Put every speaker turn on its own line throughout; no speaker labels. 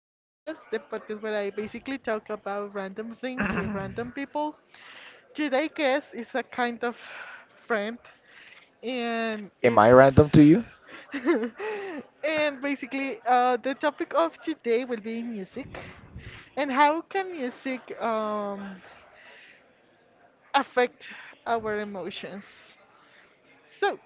Podcast, the podcast where I basically talk about random things with random people. Today guest is a kind of friend, and
am I
it's
random to you?
and basically the topic of today will be music and how can music affect our emotions. So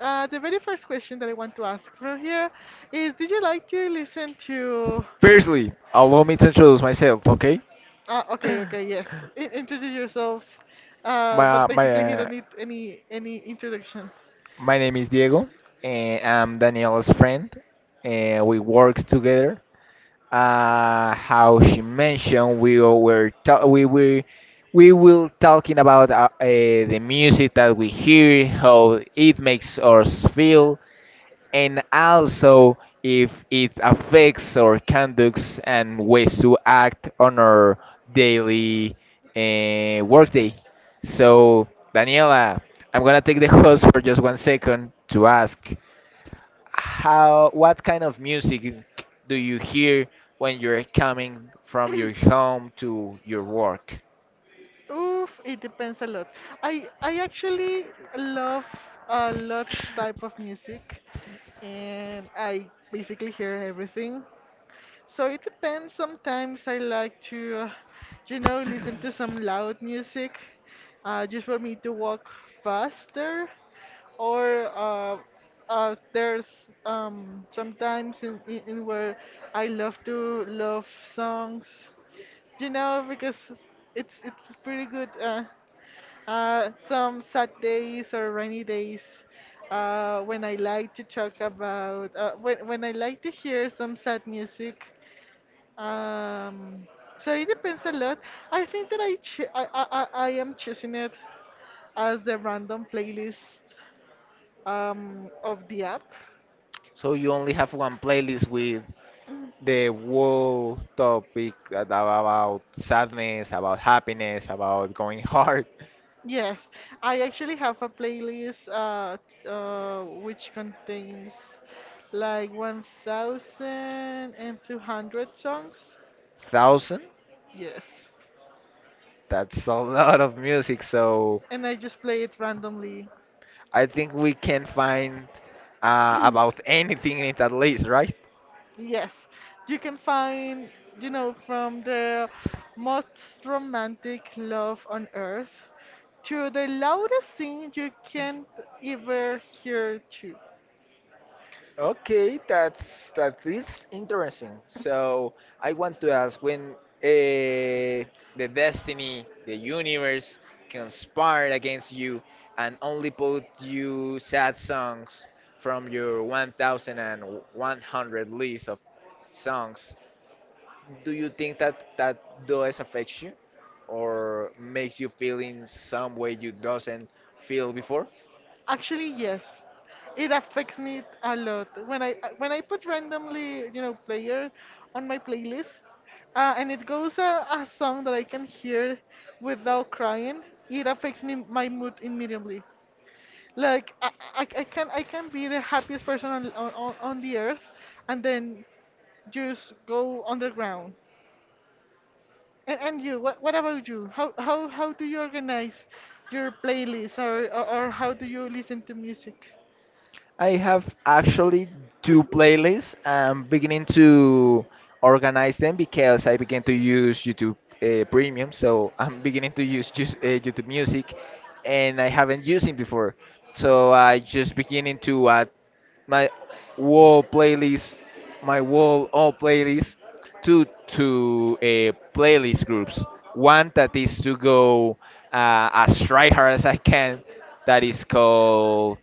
the very first question that I want to ask from here is, did you like to listen to...
Firstly, allow me to introduce myself, okay?
Ah, okay, okay, yes. In introduce yourself. But
My my
basically, he
uh,
don't need any introduction.
my name is Diego, and I'm Daniela's friend, and we work together. How she mentioned, we were we will talking about the music that we hear, how it makes us feel, and also if it affects our conducts and ways to act on our daily workday. So, Daniela, I'm gonna take the host for just 1 second to ask how what kind of music do you hear when you're coming from your home to your work?
Oof, it depends a lot. I actually love a lot type of music, and I basically hear everything. So it depends. Sometimes I like to, you know, listen to some loud music, just for me to walk faster. Or there's sometimes in where I love to love songs, you know, because it's pretty good. Some sad days or rainy days. When I like to talk about, when I like to hear some sad music, um, so it depends a lot. I think that I, ch- I am choosing it as the random playlist of the app.
So you only have one playlist with the whole topic that about sadness, about happiness, about going hard.
Yes, I actually have a playlist which contains like 1,200 songs.
Thousand?
Yes,
That's a lot of music, so
and I just play it randomly.
I think we can find about anything in that list, right?
Yes, you can find, you know, from the most romantic love on earth to the loudest thing you can't ever hear too.
Okay, that is interesting. So I want to ask when uh, the destiny, the universe conspired against you and only put you sad songs from your 1,100 list of songs, do you think that that does affect you or makes you feel in some way you doesn't feel before?
Actually, yes. It affects me a lot. When I put randomly, you know, player on my playlist, and it goes a song that I can hear without crying, it affects me my mood immediately. Like I can I can be the happiest person on the earth, and then just go underground. And you, what about you? How do you organize your playlist, or or how do you listen to music?
I have actually two playlists. I'm beginning to organize them because I began to use YouTube Premium, so I'm beginning to use just, YouTube Music, and I haven't used it before. So I just beginning to add my wall playlist, my wall all playlists to to playlist groups. One that is to go as try hard as I can. That is called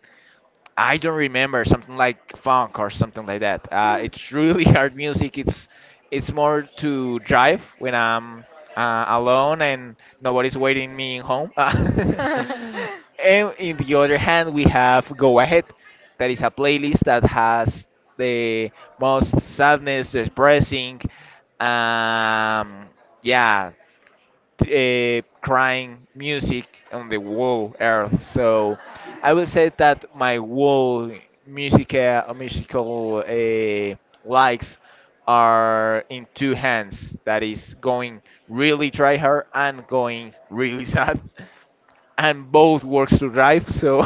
I don't remember something like funk or something like that. It's really hard music. It's more to drive when I'm alone and nobody's waiting me in home. And in the other hand, we have Go Ahead. That is a playlist that has the most sadness, depressing, um, yeah, crying music on the whole earth. So I would say that my whole music, musical likes are in two hands. That is going really try hard and going really sad, and both works to drive. So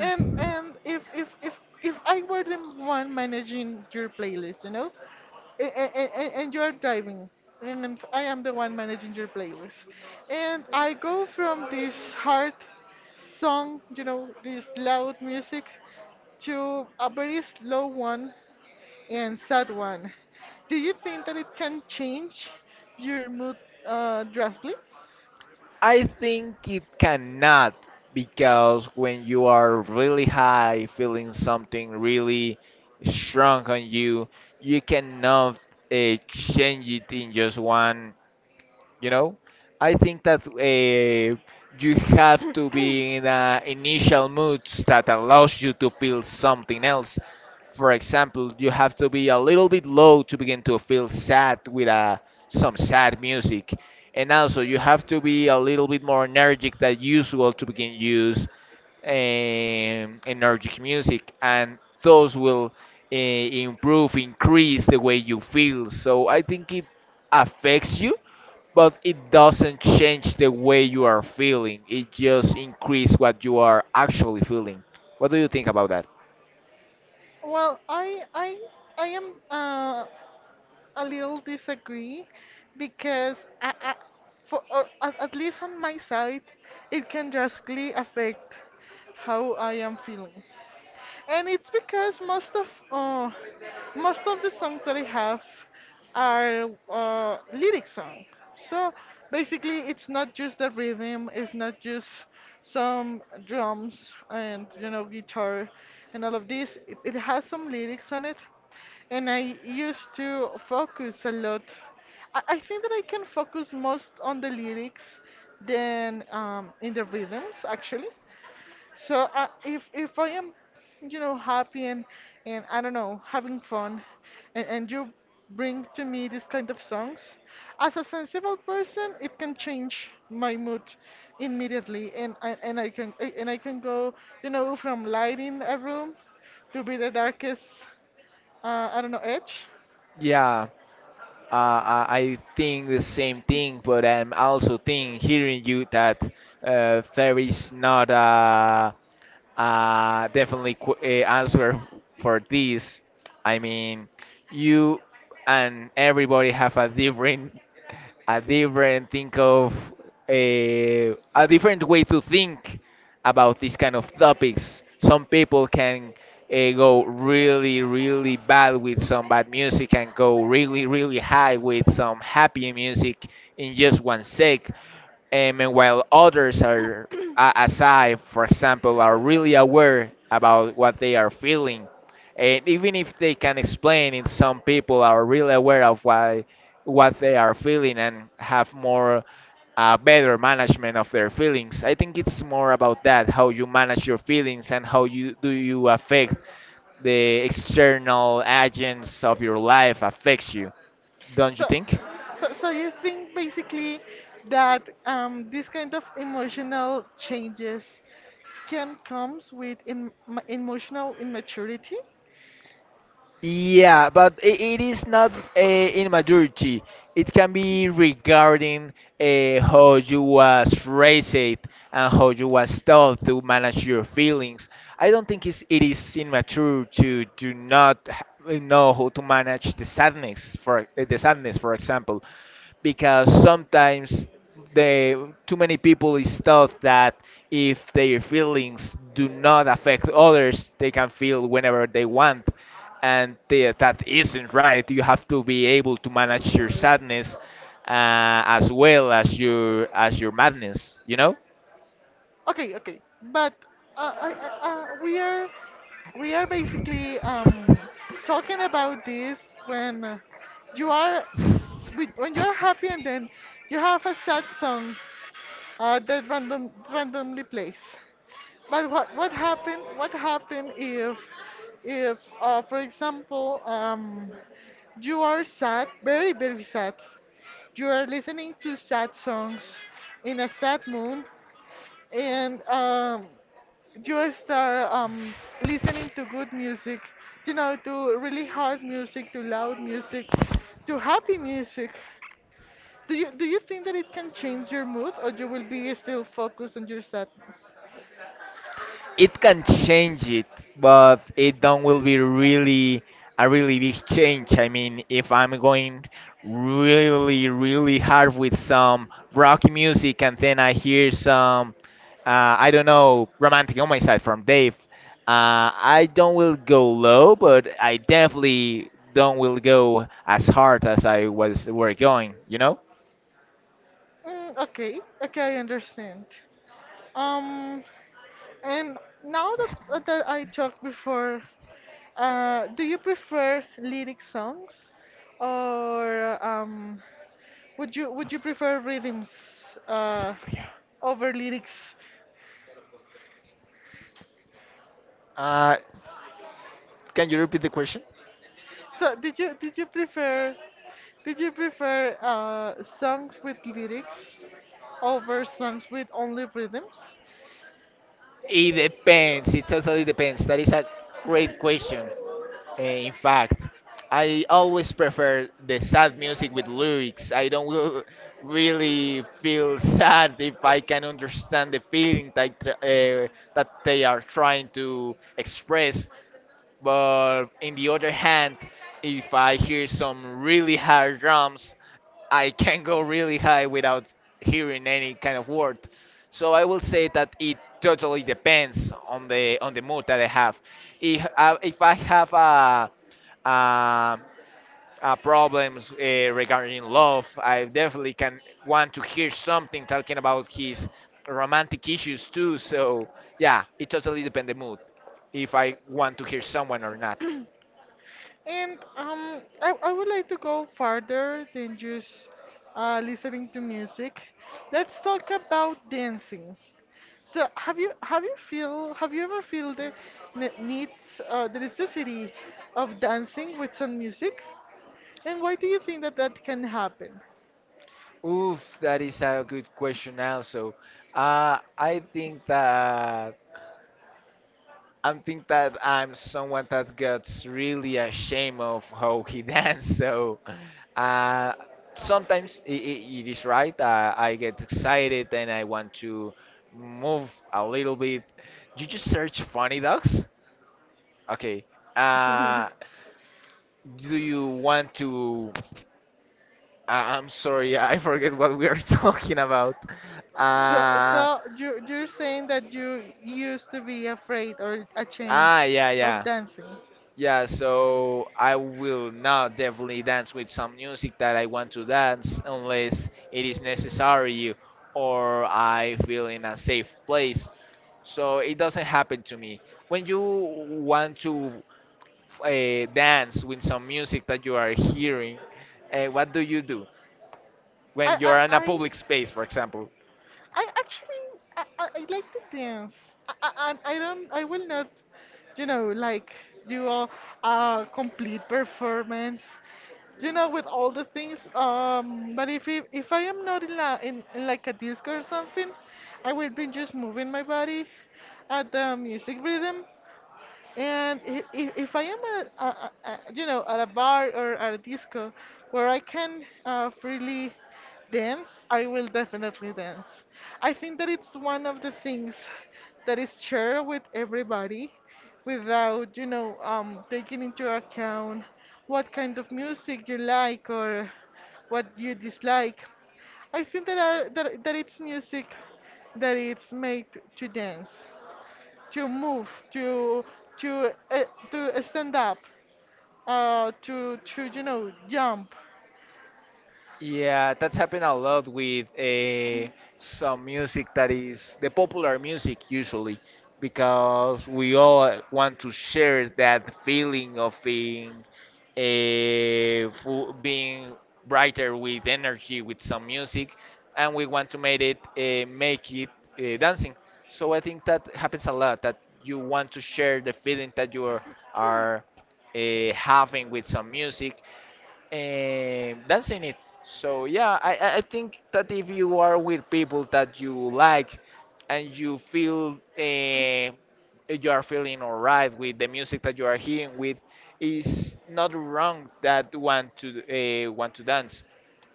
And and if if if if I were the one managing your playlist, you know, and you're driving and I am the one managing your playlist, and I go from this hard song, you know, this loud music, to a very slow one and sad one, do you think that it can change your mood drastically?
I think it cannot because when you are really high, feeling something really strong on you, you cannot change it in just one you know. I think that you have to be in a initial mood that allows you to feel something else. For example, you have to be a little bit low to begin to feel sad with some sad music, and also you have to be a little bit more energetic than usual to begin use energetic music, and those will improve increase the way you feel. So I think it affects you, but it doesn't change the way you are feeling. It just increase what you are actually feeling. What do you think about that?
Well, I am a little disagree because for or at least on my side, it can drastically affect how I am feeling, and it's because most of the songs that I have are lyric songs. So basically, it's not just the rhythm, it's not just some drums and, you know, guitar and all of this. It has some lyrics on it, and I used to focus a lot. I think that I can focus most on the lyrics than in the rhythms actually. So if I am, you know, happy and I don't know, having fun, and you bring to me this kind of songs, as a sensible person, it can change my mood immediately, and I can go, you know, from lighting a room to be the darkest, I don't know, edge.
Yeah. I think the same thing, but I'm also think hearing you that there is not a definitely qu a answer for this. I mean, you and everybody have a different think of a different way to think about these kind of topics. Some people can go really, really bad with some bad music and go really, really high with some happy music in just one sec. And while others are, a- as I, for example, are really aware about what they are feeling. And even if they can explain it, some people are really aware of why what they are feeling and have more better management of their feelings. I think it's more about that how you manage your feelings and how you do you affect the external agents of your life affects you, don't you
So,
think?
so you think basically that this kind of emotional changes can comes with in, emotional immaturity.
Yeah, but I it is not in majority. It can be regarding how you was raised and how you was taught to manage your feelings. I don't think it is immature to do not know how to manage the sadness, for example, because sometimes the too many people is thought that if their feelings do not affect others, they can feel whenever they want, and that isn't right. You have to be able to manage your sadness as well as your madness. You know?
Okay, okay, but uh, I, I, uh, we are we are basically talking about this when you are when you are happy and then you have a sad song, that random randomly place. But what happened? What happened if for example you are sad, very very sad, you are listening to sad songs in a sad mood, and you start listening to good music, you know, to really hard music, to loud music, to happy music. Do you think that it can change your mood, or you will be still focused on your sadness?
It can change it, but it don't will be really a really big change. I mean, if I'm going really really hard with some rock music and then I hear some I don't know romantic on my side from Dave, I don't will go low, but I definitely don't will go as hard as I was were going. You know?
Mm, okay, okay, I understand. Um, and now that that I talked before, do you prefer lyric songs, or would you prefer rhythms uh, over lyrics?
Uh, can you repeat the question?
So did you prefer songs with lyrics over songs with only rhythms?
It depends. It totally depends. That is a great question. In fact, I always prefer the sad music with lyrics. I don't will- really feel sad if I can understand the feeling that they are trying to express. But in the other hand, if I hear some really hard drums, I can go really high without hearing any kind of word. So I will say that it totally depends on the mood that I have. If I have a problems regarding love. I definitely can want to hear something talking about his romantic issues too. So yeah, it totally depends the mood if I want to hear someone or not.
And I would like to go farther than just listening to music. Let's talk about dancing. So have you feel have you ever feel the need the necessity of dancing with some music? And why do you think that that can happen?
Oof, that is a good question. Also, uh, I think that I think that I'm someone that gets really ashamed of how he dance. So uh, sometimes I it is right. I get excited and I want to move a little bit. You just search funny dogs. Okay. Uh, do you want to? I I'm sorry, I forget what we are talking about.
So,
Uh,
so you you're saying that you used to be afraid or ashamed
Ah, yeah,
of
yeah.
dancing.
Yeah, so I will not definitely dance with some music that I want to dance unless it is necessary or I feel in a safe place. So it doesn't happen to me. When you want to dance with some music that you are hearing, what do you do?
I
When
I
you're in a
I
public space, for example.
I actually I like to dance. I, I I don't, I will not, you know, like do a complete performance. You know, with all the things. But if it, if I am not in, la, in like a disco or something, I will be just moving my body at the music rhythm. And if, I am you know, at a bar or at a disco where I can freely dance, I will definitely dance. I think that it's one of the things that is shared with everybody without, you know, taking into account what kind of music you like or what you dislike. I think that, are, that, that it's music that it's made to dance, to move, to to uh, to stand up, to, you know, jump.
Yeah, that's happened a lot with some music that is the popular music usually, because we all want to share that feeling of being being brighter with energy with some music, and we want to make it dancing. So I think that happens a lot that you want to share the feeling that you are having with some music, and that's in it. So yeah, I think that if you are with people that you like and you feel you are feeling alright with the music that you are hearing with, it's not wrong that want to dance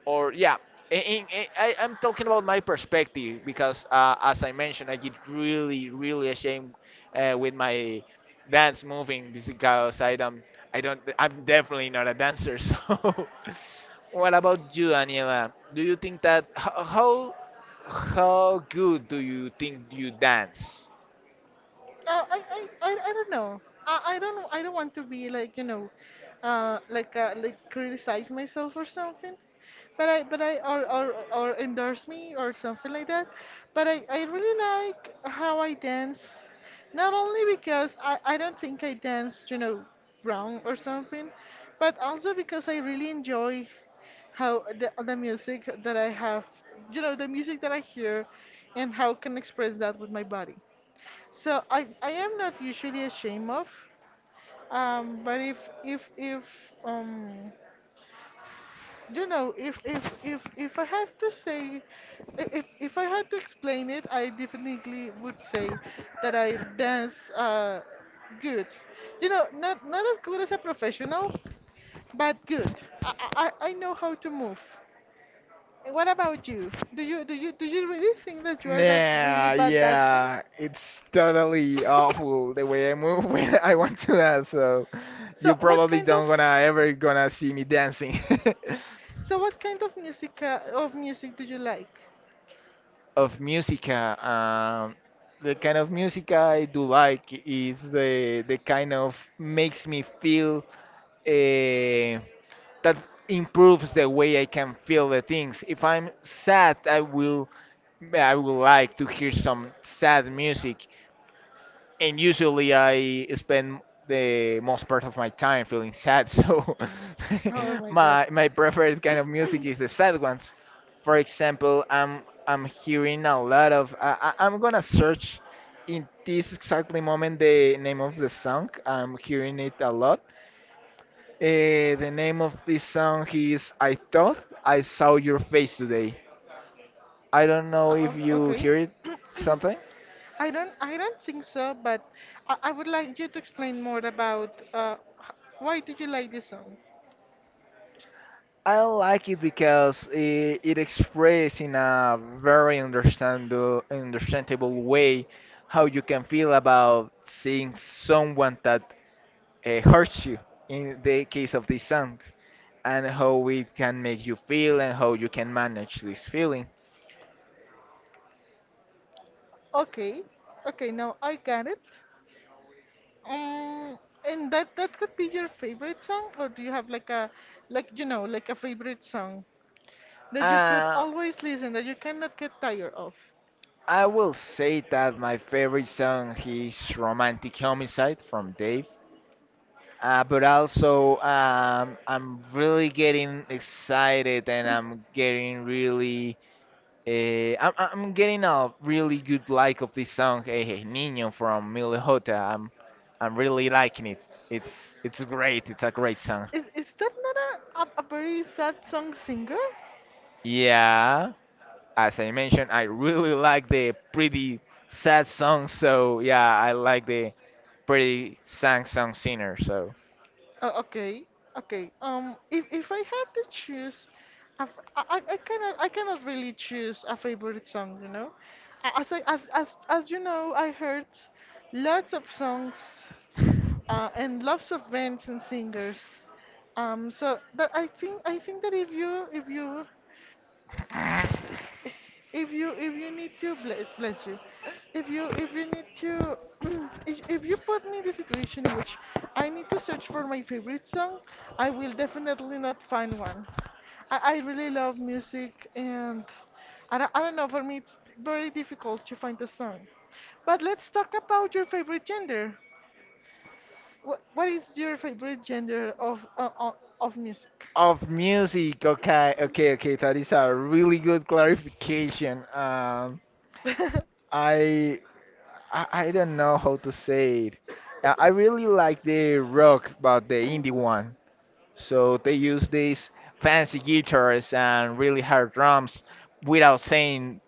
or yeah I, I'm talking about my perspective because as I mentioned I get really really ashamed with my dance moving because i don't I'm definitely not a dancer. So what about you Daniela? Do you think that how good do you think you dance?
I don't know. I don't know. I don't want to be like, you know, like criticize myself or something. But I or or endorse me or something like that. But I really like how I dance. Not only because I don't think I danced, you know, wrong or something, but also because I really enjoy how the music that I have, you know, the music that I hear, and how I can express that with my body. So I am not usually ashamed of, but if um you know if I have to say, if I had to explain it, I definitely would say that I dance good. You know, not not as good as a professional, but good. I know how to move. What about you? Do you do you really think that you are that really
Nah,
bad dancing?
yeah, it's totally awful the way I move when I want to dance. So
So,
you
what
probably
kind of...
don't gonna ever gonna see me dancing.
So what kind of music of music do you like?
Of musica, the kind of music I do like is the kind of makes me feel. Uh, that improves the way I can feel the things. If I'm sad, I will like to hear some sad music, and usually I spend the most part of my time feeling sad. So
Oh my god.
my preferred kind of music is the sad ones. For example, I'm hearing a lot of I'm gonna search in this exactly moment the name of the song. I'm hearing it a lot. The name of this song is I Thought I Saw Your Face Today. I don't know if
O-
you
okay.
hear it something.
I don't think so, but I would like you to explain more about h- why did you like this song?
I like it because it expresses in a very understand, understandable way how you can feel about seeing someone that hurts you in the case of this song, and how it can make you feel and how you can manage this feeling.
Okay. Okay, now I got it. Um, and that that could be your favorite song, or do you have like a, like, you know, like a favorite song that you could
Uh,
always listen, that you cannot get tired of?
I will say that my favorite song is Romantic Homicide from Dave. But also, I'm really getting excited and I'm getting really. I'm getting a really good like of this song, Eh Niño from Mil Jota. I'm really liking it. It's great. It's a great song.
Is that not a very sad song singer?
Yeah. As I mentioned, I really like the pretty sad songs. So yeah, I like the pretty sad song singer. So
Oh, okay, okay. If I had to choose, a f- I cannot really choose a favorite song, you know. As I, as as you know, I heard lots of songs, and lots of bands and singers. So that I think that if you if you need to bless you. If you if you need to if you put me in the situation in which I need to search for my favorite song, I will definitely not find one. I really love music, and I don't know, for me it's very difficult to find a song. But let's talk about your favorite gender. What is your favorite gender of music?
Of music, okay, okay. That is a really good clarification. I, I don't know how to say it. I really like the rock, but the indie one. So they use these fancy guitars and really hard drums without saying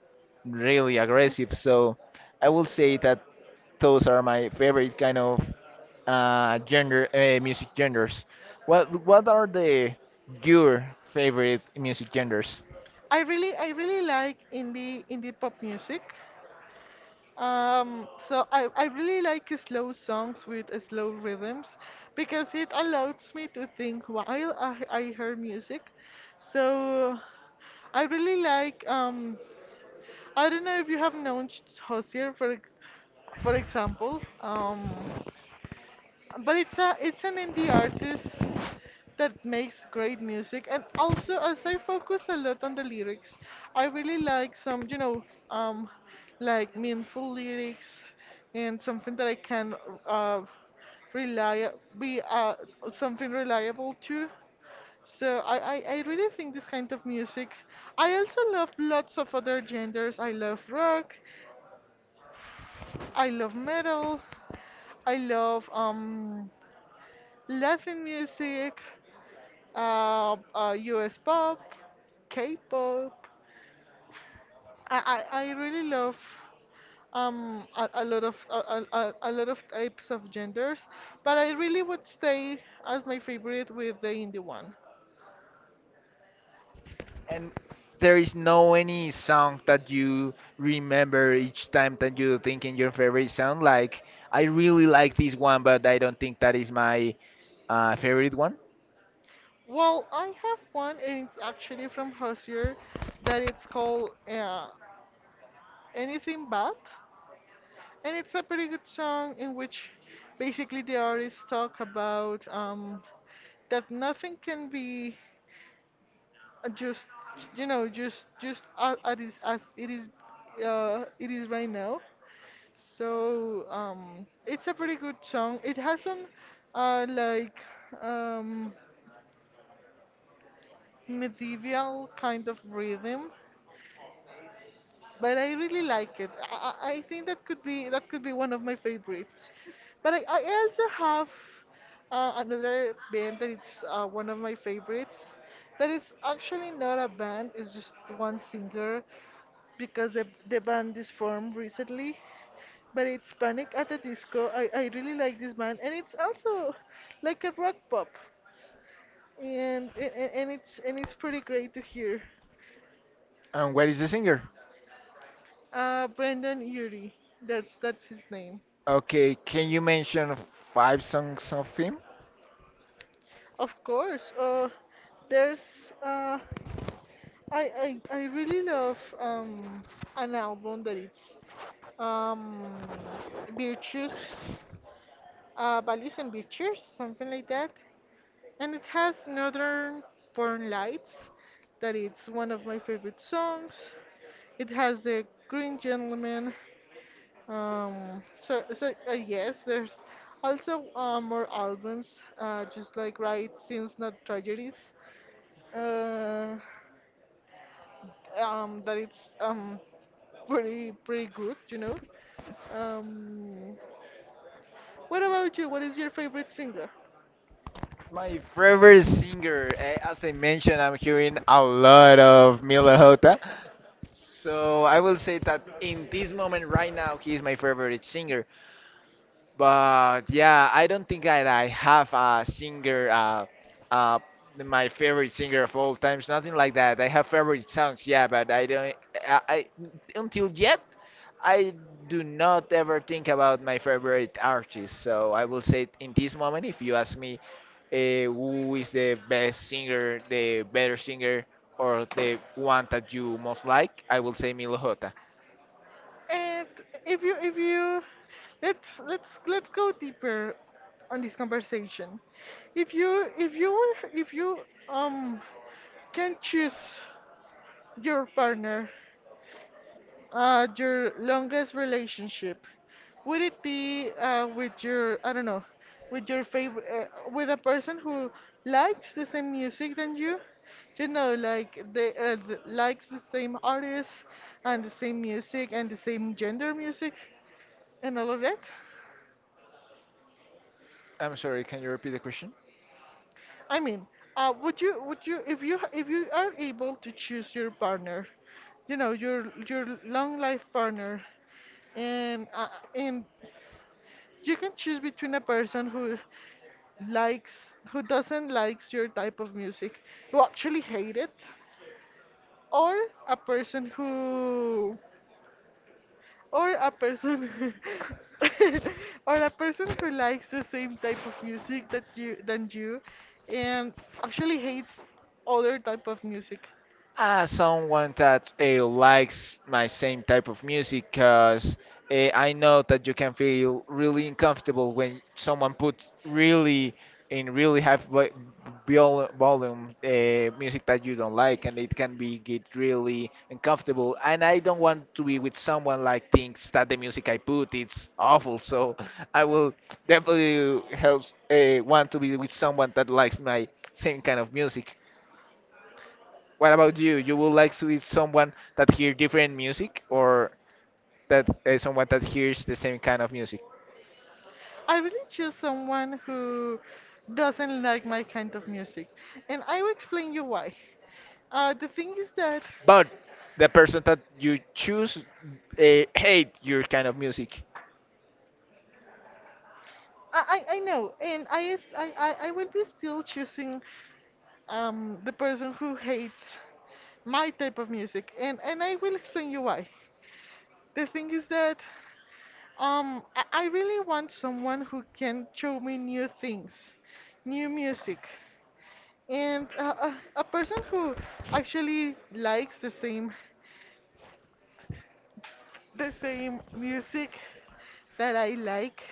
really aggressive. So I will say that those are my favorite kind of gender music genders. What are the your favorite music genders?
I really like indie indie pop music. So I really like slow songs with slow rhythms because it allows me to think while I hear music. So I really like um, I don't know if you have known Hozier for for example. Um, but it's a, it's an indie artist that makes great music, and also as I focus a lot on the lyrics, I really like some, you know, um, like meaningful lyrics and something that I can uh rely be something reliable to. So I really think this kind of music. I also love lots of other genders. I love rock, I love metal, I love um, Laugh in music, US pop, K-pop. I really love a lot of types of genders, but I really would stay as my favorite with the indie one.
And there is no any song that you remember each time that you think in your favorite song. Like I really like this one, but I don't think that is my favorite one.
Well, I have one, and it's actually from Hozier, that it's called Anything But, and it's a pretty good song in which basically the artists talk about that nothing can be just just as it is it is right now. So it's a pretty good song. It has some uh like um medieval kind of rhythm, but I really like it. I think that could be one of my favorites. But I also have another band that it's one of my favorites. That it's actually not a band; it's just one singer because the band is formed recently. But it's Panic at the Disco. I really like this band, and it's also like a rock pop, and it's pretty great to hear.
And what is the singer?
Brendan Urie, that's his name.
Okay, can you mention five songs of him?
Of course, there's uh, I really love an album that it's um, virtues, values and virtues, something like that, and it has Northern Born Lights, that it's one of my favorite songs. It has the Green Gentleman. Yes, there's also more albums, just like Right Since Not Tragedies. Uh, that it's pretty good, you know. Um, what about you? What is your favorite singer?
My favorite singer, eh, as I mentioned, I'm hearing a lot of Milo Hota. So I will say that in this moment right now, he is my favorite singer. But yeah, I don't think that I have a singer, uh, my favorite singer of all times, nothing like that. I have favorite songs, yeah, but I until yet, I do not ever think about my favorite artist. So I will say in this moment, if you ask me who is the best singer, the better singer, or the one that you most like, I will say Milo Jota.
And if you let's go deeper on this conversation. If you um can choose your partner, your longest relationship. Would it be with your, I don't know, with your favorite, with a person who likes the same music than you? You know, like they likes the same artists and the same music and the same gender music and all of that.
I'm sorry, can you repeat the question?
I mean, would you, if you, if you are able to choose your partner, you know, your long life partner, and uh, and you can choose between a person who likes who doesn't likes your type of music, who actually hate it, or a person who a person who- or a person who likes the same type of music that you than you and actually hates other type of music.
Someone that likes my same type of music, because I know that you can feel really uncomfortable when someone puts really in really high volume music that you don't like, and it can be get really uncomfortable, and I don't want to be with someone like thinks that the music I put it's awful. So I will definitely help want to be with someone that likes my same kind of music. What about you? You would like to be someone that hear different music, or that someone that hears the same kind of music?
I really choose someone who doesn't like my kind of music. And I will explain you why. The thing is that
But the person that you choose hate your kind of music.
I know, and I, is- I will be still choosing the person who hates my type of music, and I will explain you why. The thing is that I really want someone who can show me new things, new music, and a person who actually likes the same. The same music that I like.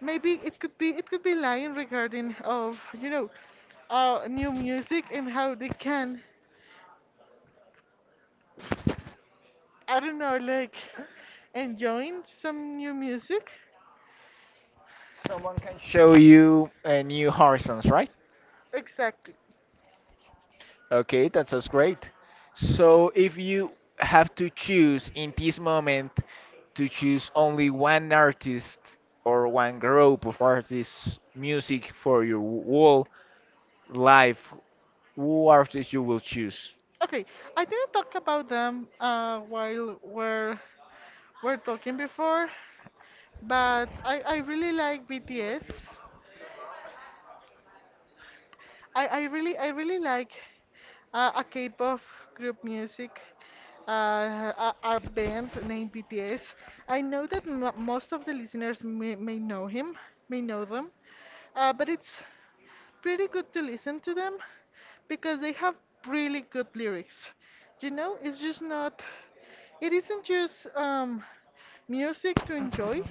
Maybe it could be lying regarding of, you know, new music and how they can, I don't know, like enjoying some new music.
Someone can show you new horizons, right?
Exactly.
Okay, that sounds great. So if you have to choose in this moment to choose only one artist or one group of artists music for your whole life, who artist you will choose?
Okay, I didn't talk about them while we're talking before, but I really like BTS. I really like a K-pop group music, a band named BTS. I know that m most of the listeners may know him, may know them, but it's pretty good to listen to them because they have really good lyrics. You know, it's just not. It isn't just music to enjoy,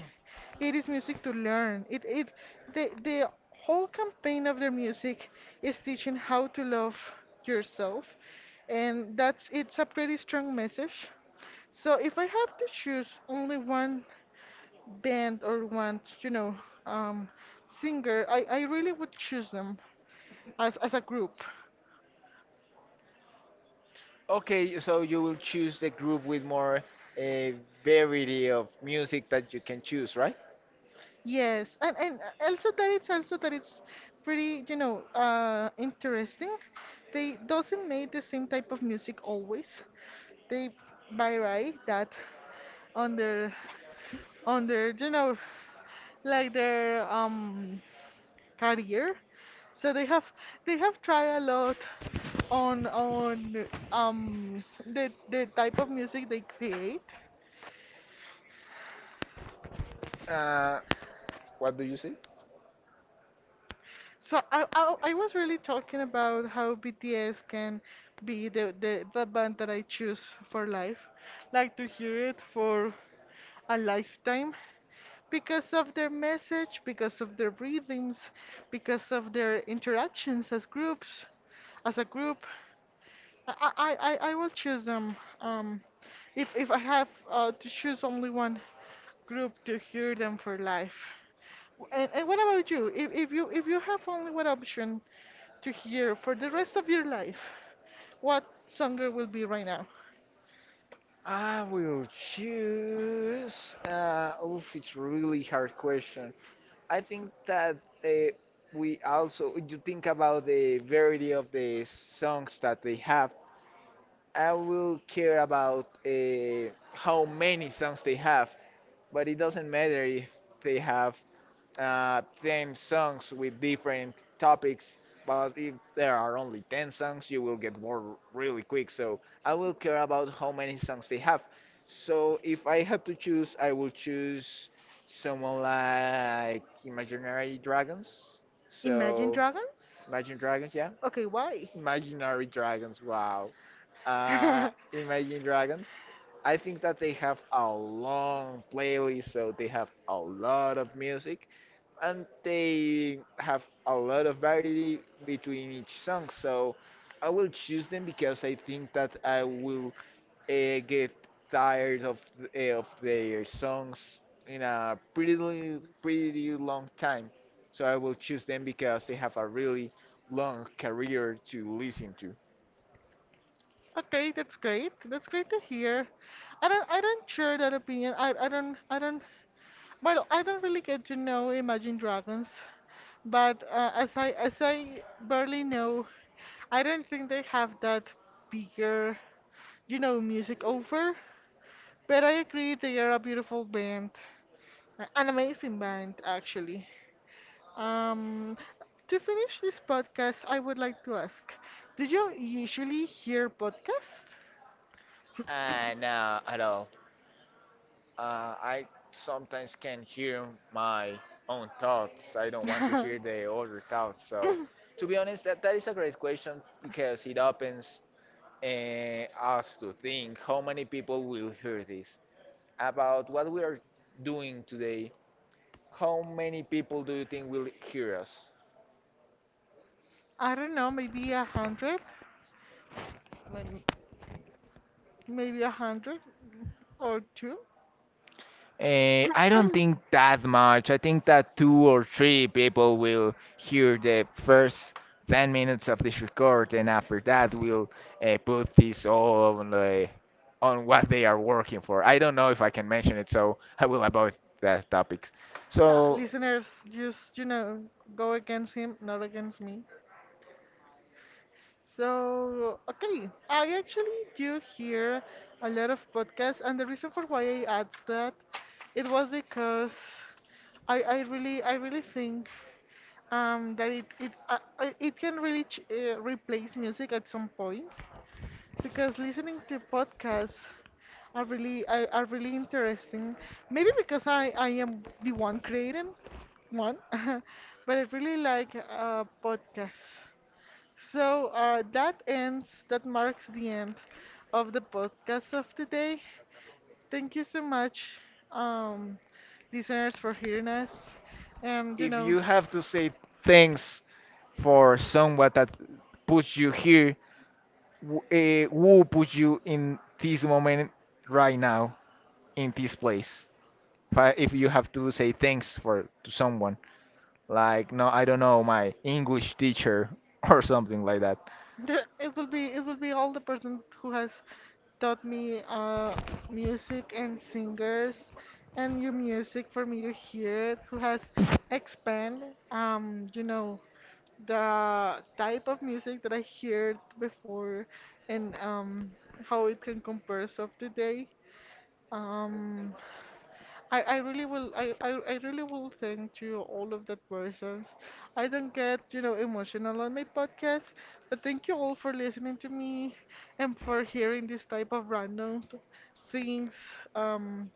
it is music to learn. The whole campaign of their music is teaching how to love yourself, and that's it's a pretty strong message. So if I have to choose only one band or one, you know, um, singer, I really would choose them as a group.
Okay, so you will choose the group with more a variety of music that you can choose, right?
Yes, and also that it's pretty, you know, interesting. They doesn't make the same type of music always. They vary that on their you know, like their career. So they have tried a lot on um the type of music they create.
Uh, what do you say?
So I was really talking about how BTS can be the band that I choose for life, like to hear it for a lifetime because of their message, because of their rhythms, because of their interactions as groups, as a group. I will choose them. Um, if I have to choose only one group to hear them for life. And what about you? If you have only one option to hear for the rest of your life, what songer will be right now?
I will choose. Oof, it's really hard question. I think that uh, we also you think about the variety of the songs that they have. I will care about how many songs they have, but it doesn't matter if they have theme songs with different topics. But if there are only 10 songs, you will get bored really quick. So I will care about how many songs they have. So if I had to choose, I will choose someone like Imaginary Dragons.
Imagine
So
Dragons?
Imagine Dragons, yeah.
Okay, why?
Imaginary Dragons, wow. Imagine Dragons. I think that they have a long playlist, so they have a lot of music and they have a lot of variety between each song. So I will choose them because I think that I will get tired of their songs in a pretty long time. So I will choose them because they have a really long career to listen to.
Okay, that's great. That's great to hear. I don't share that opinion. I don't, well, I don't really get to know Imagine Dragons, but as I barely know, I don't think they have that bigger, you know, music over. But I agree they are a beautiful band, a- an amazing band actually. Um, to finish this podcast, I would like to ask, do you usually hear podcasts?
No, at all. I sometimes
Can
can hear my own thoughts. I don't want to
know
hear
if
the other thoughts. So, to be honest, that is a great question because it opens us to think how many people will hear this about what we are doing today. How many people do you think will hear us?
I don't know, maybe a hundred, may- maybe a hundred or two.
Eh, I don't think that much. I think that two or three people will hear the first 10 minutes of this record, and after that, we'll put this all on, the, on what they are working for. I don't know if I can mention it, so I will avoid that topic.
So. Ha, so,
So,
listeners, just you know, go against him, not against me. So, okay, I actually do hear a lot of podcasts, and the reason for why I asked that, it was because I really think that it can really ch replace music at some point because listening to podcasts are really are really interesting. Maybe because I am the one creating one, but I really like podcasts. So that ends. That marks the end of the podcast of today. Thank you so much, um, listeners, for hearing us. And you
if
know.
you have to say thanks for someone that puts you here, who put you in this moment right now, in this place? If you have to say thanks for to someone, like no, I don't know, my English teacher or something like that.
It will be all the person who has taught me music and singers and your music for me to hear it, who has expand you know the type of music that I heard before and how it can compare of today. Um, I really will thank you all of the persons. I don't get, you know, emotional on my podcast, but thank you all for listening to me and for hearing this type of random things. Um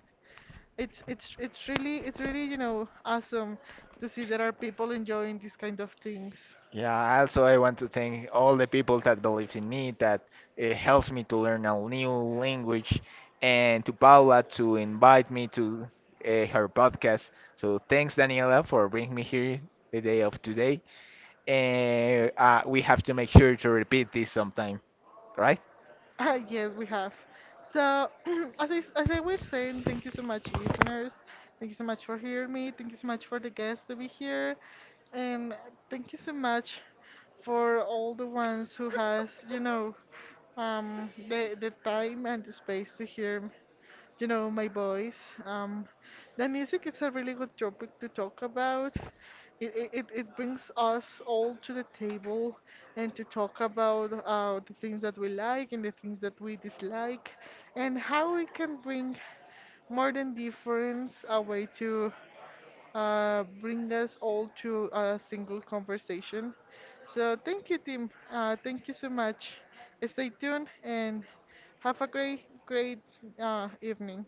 it's really, you know, awesome to see there are people enjoying these kind of things.
Yeah. Also, I want to thank all the people that believes in me, that it helps me to learn a new language, and to Paula to invite me to her podcast. So thanks, Daniela, for bringing me here the day of today. And we have to make sure to repeat this sometime, right?
Ah, yes, we have. So, as I, as I was saying, thank you so much, listeners. Thank you so much for hearing me. Thank you so much for the guests to be here. And thank you so much for all the ones who has, you know, the time and the space to hear, you know, my voice. Um, the music is a really good topic to talk about. It brings us all to the table and to talk about the things that we like and the things that we dislike and how we can bring more than difference a way to bring us all to a single conversation. So thank you, Tim. Thank you so much. Stay tuned and have a great, evening.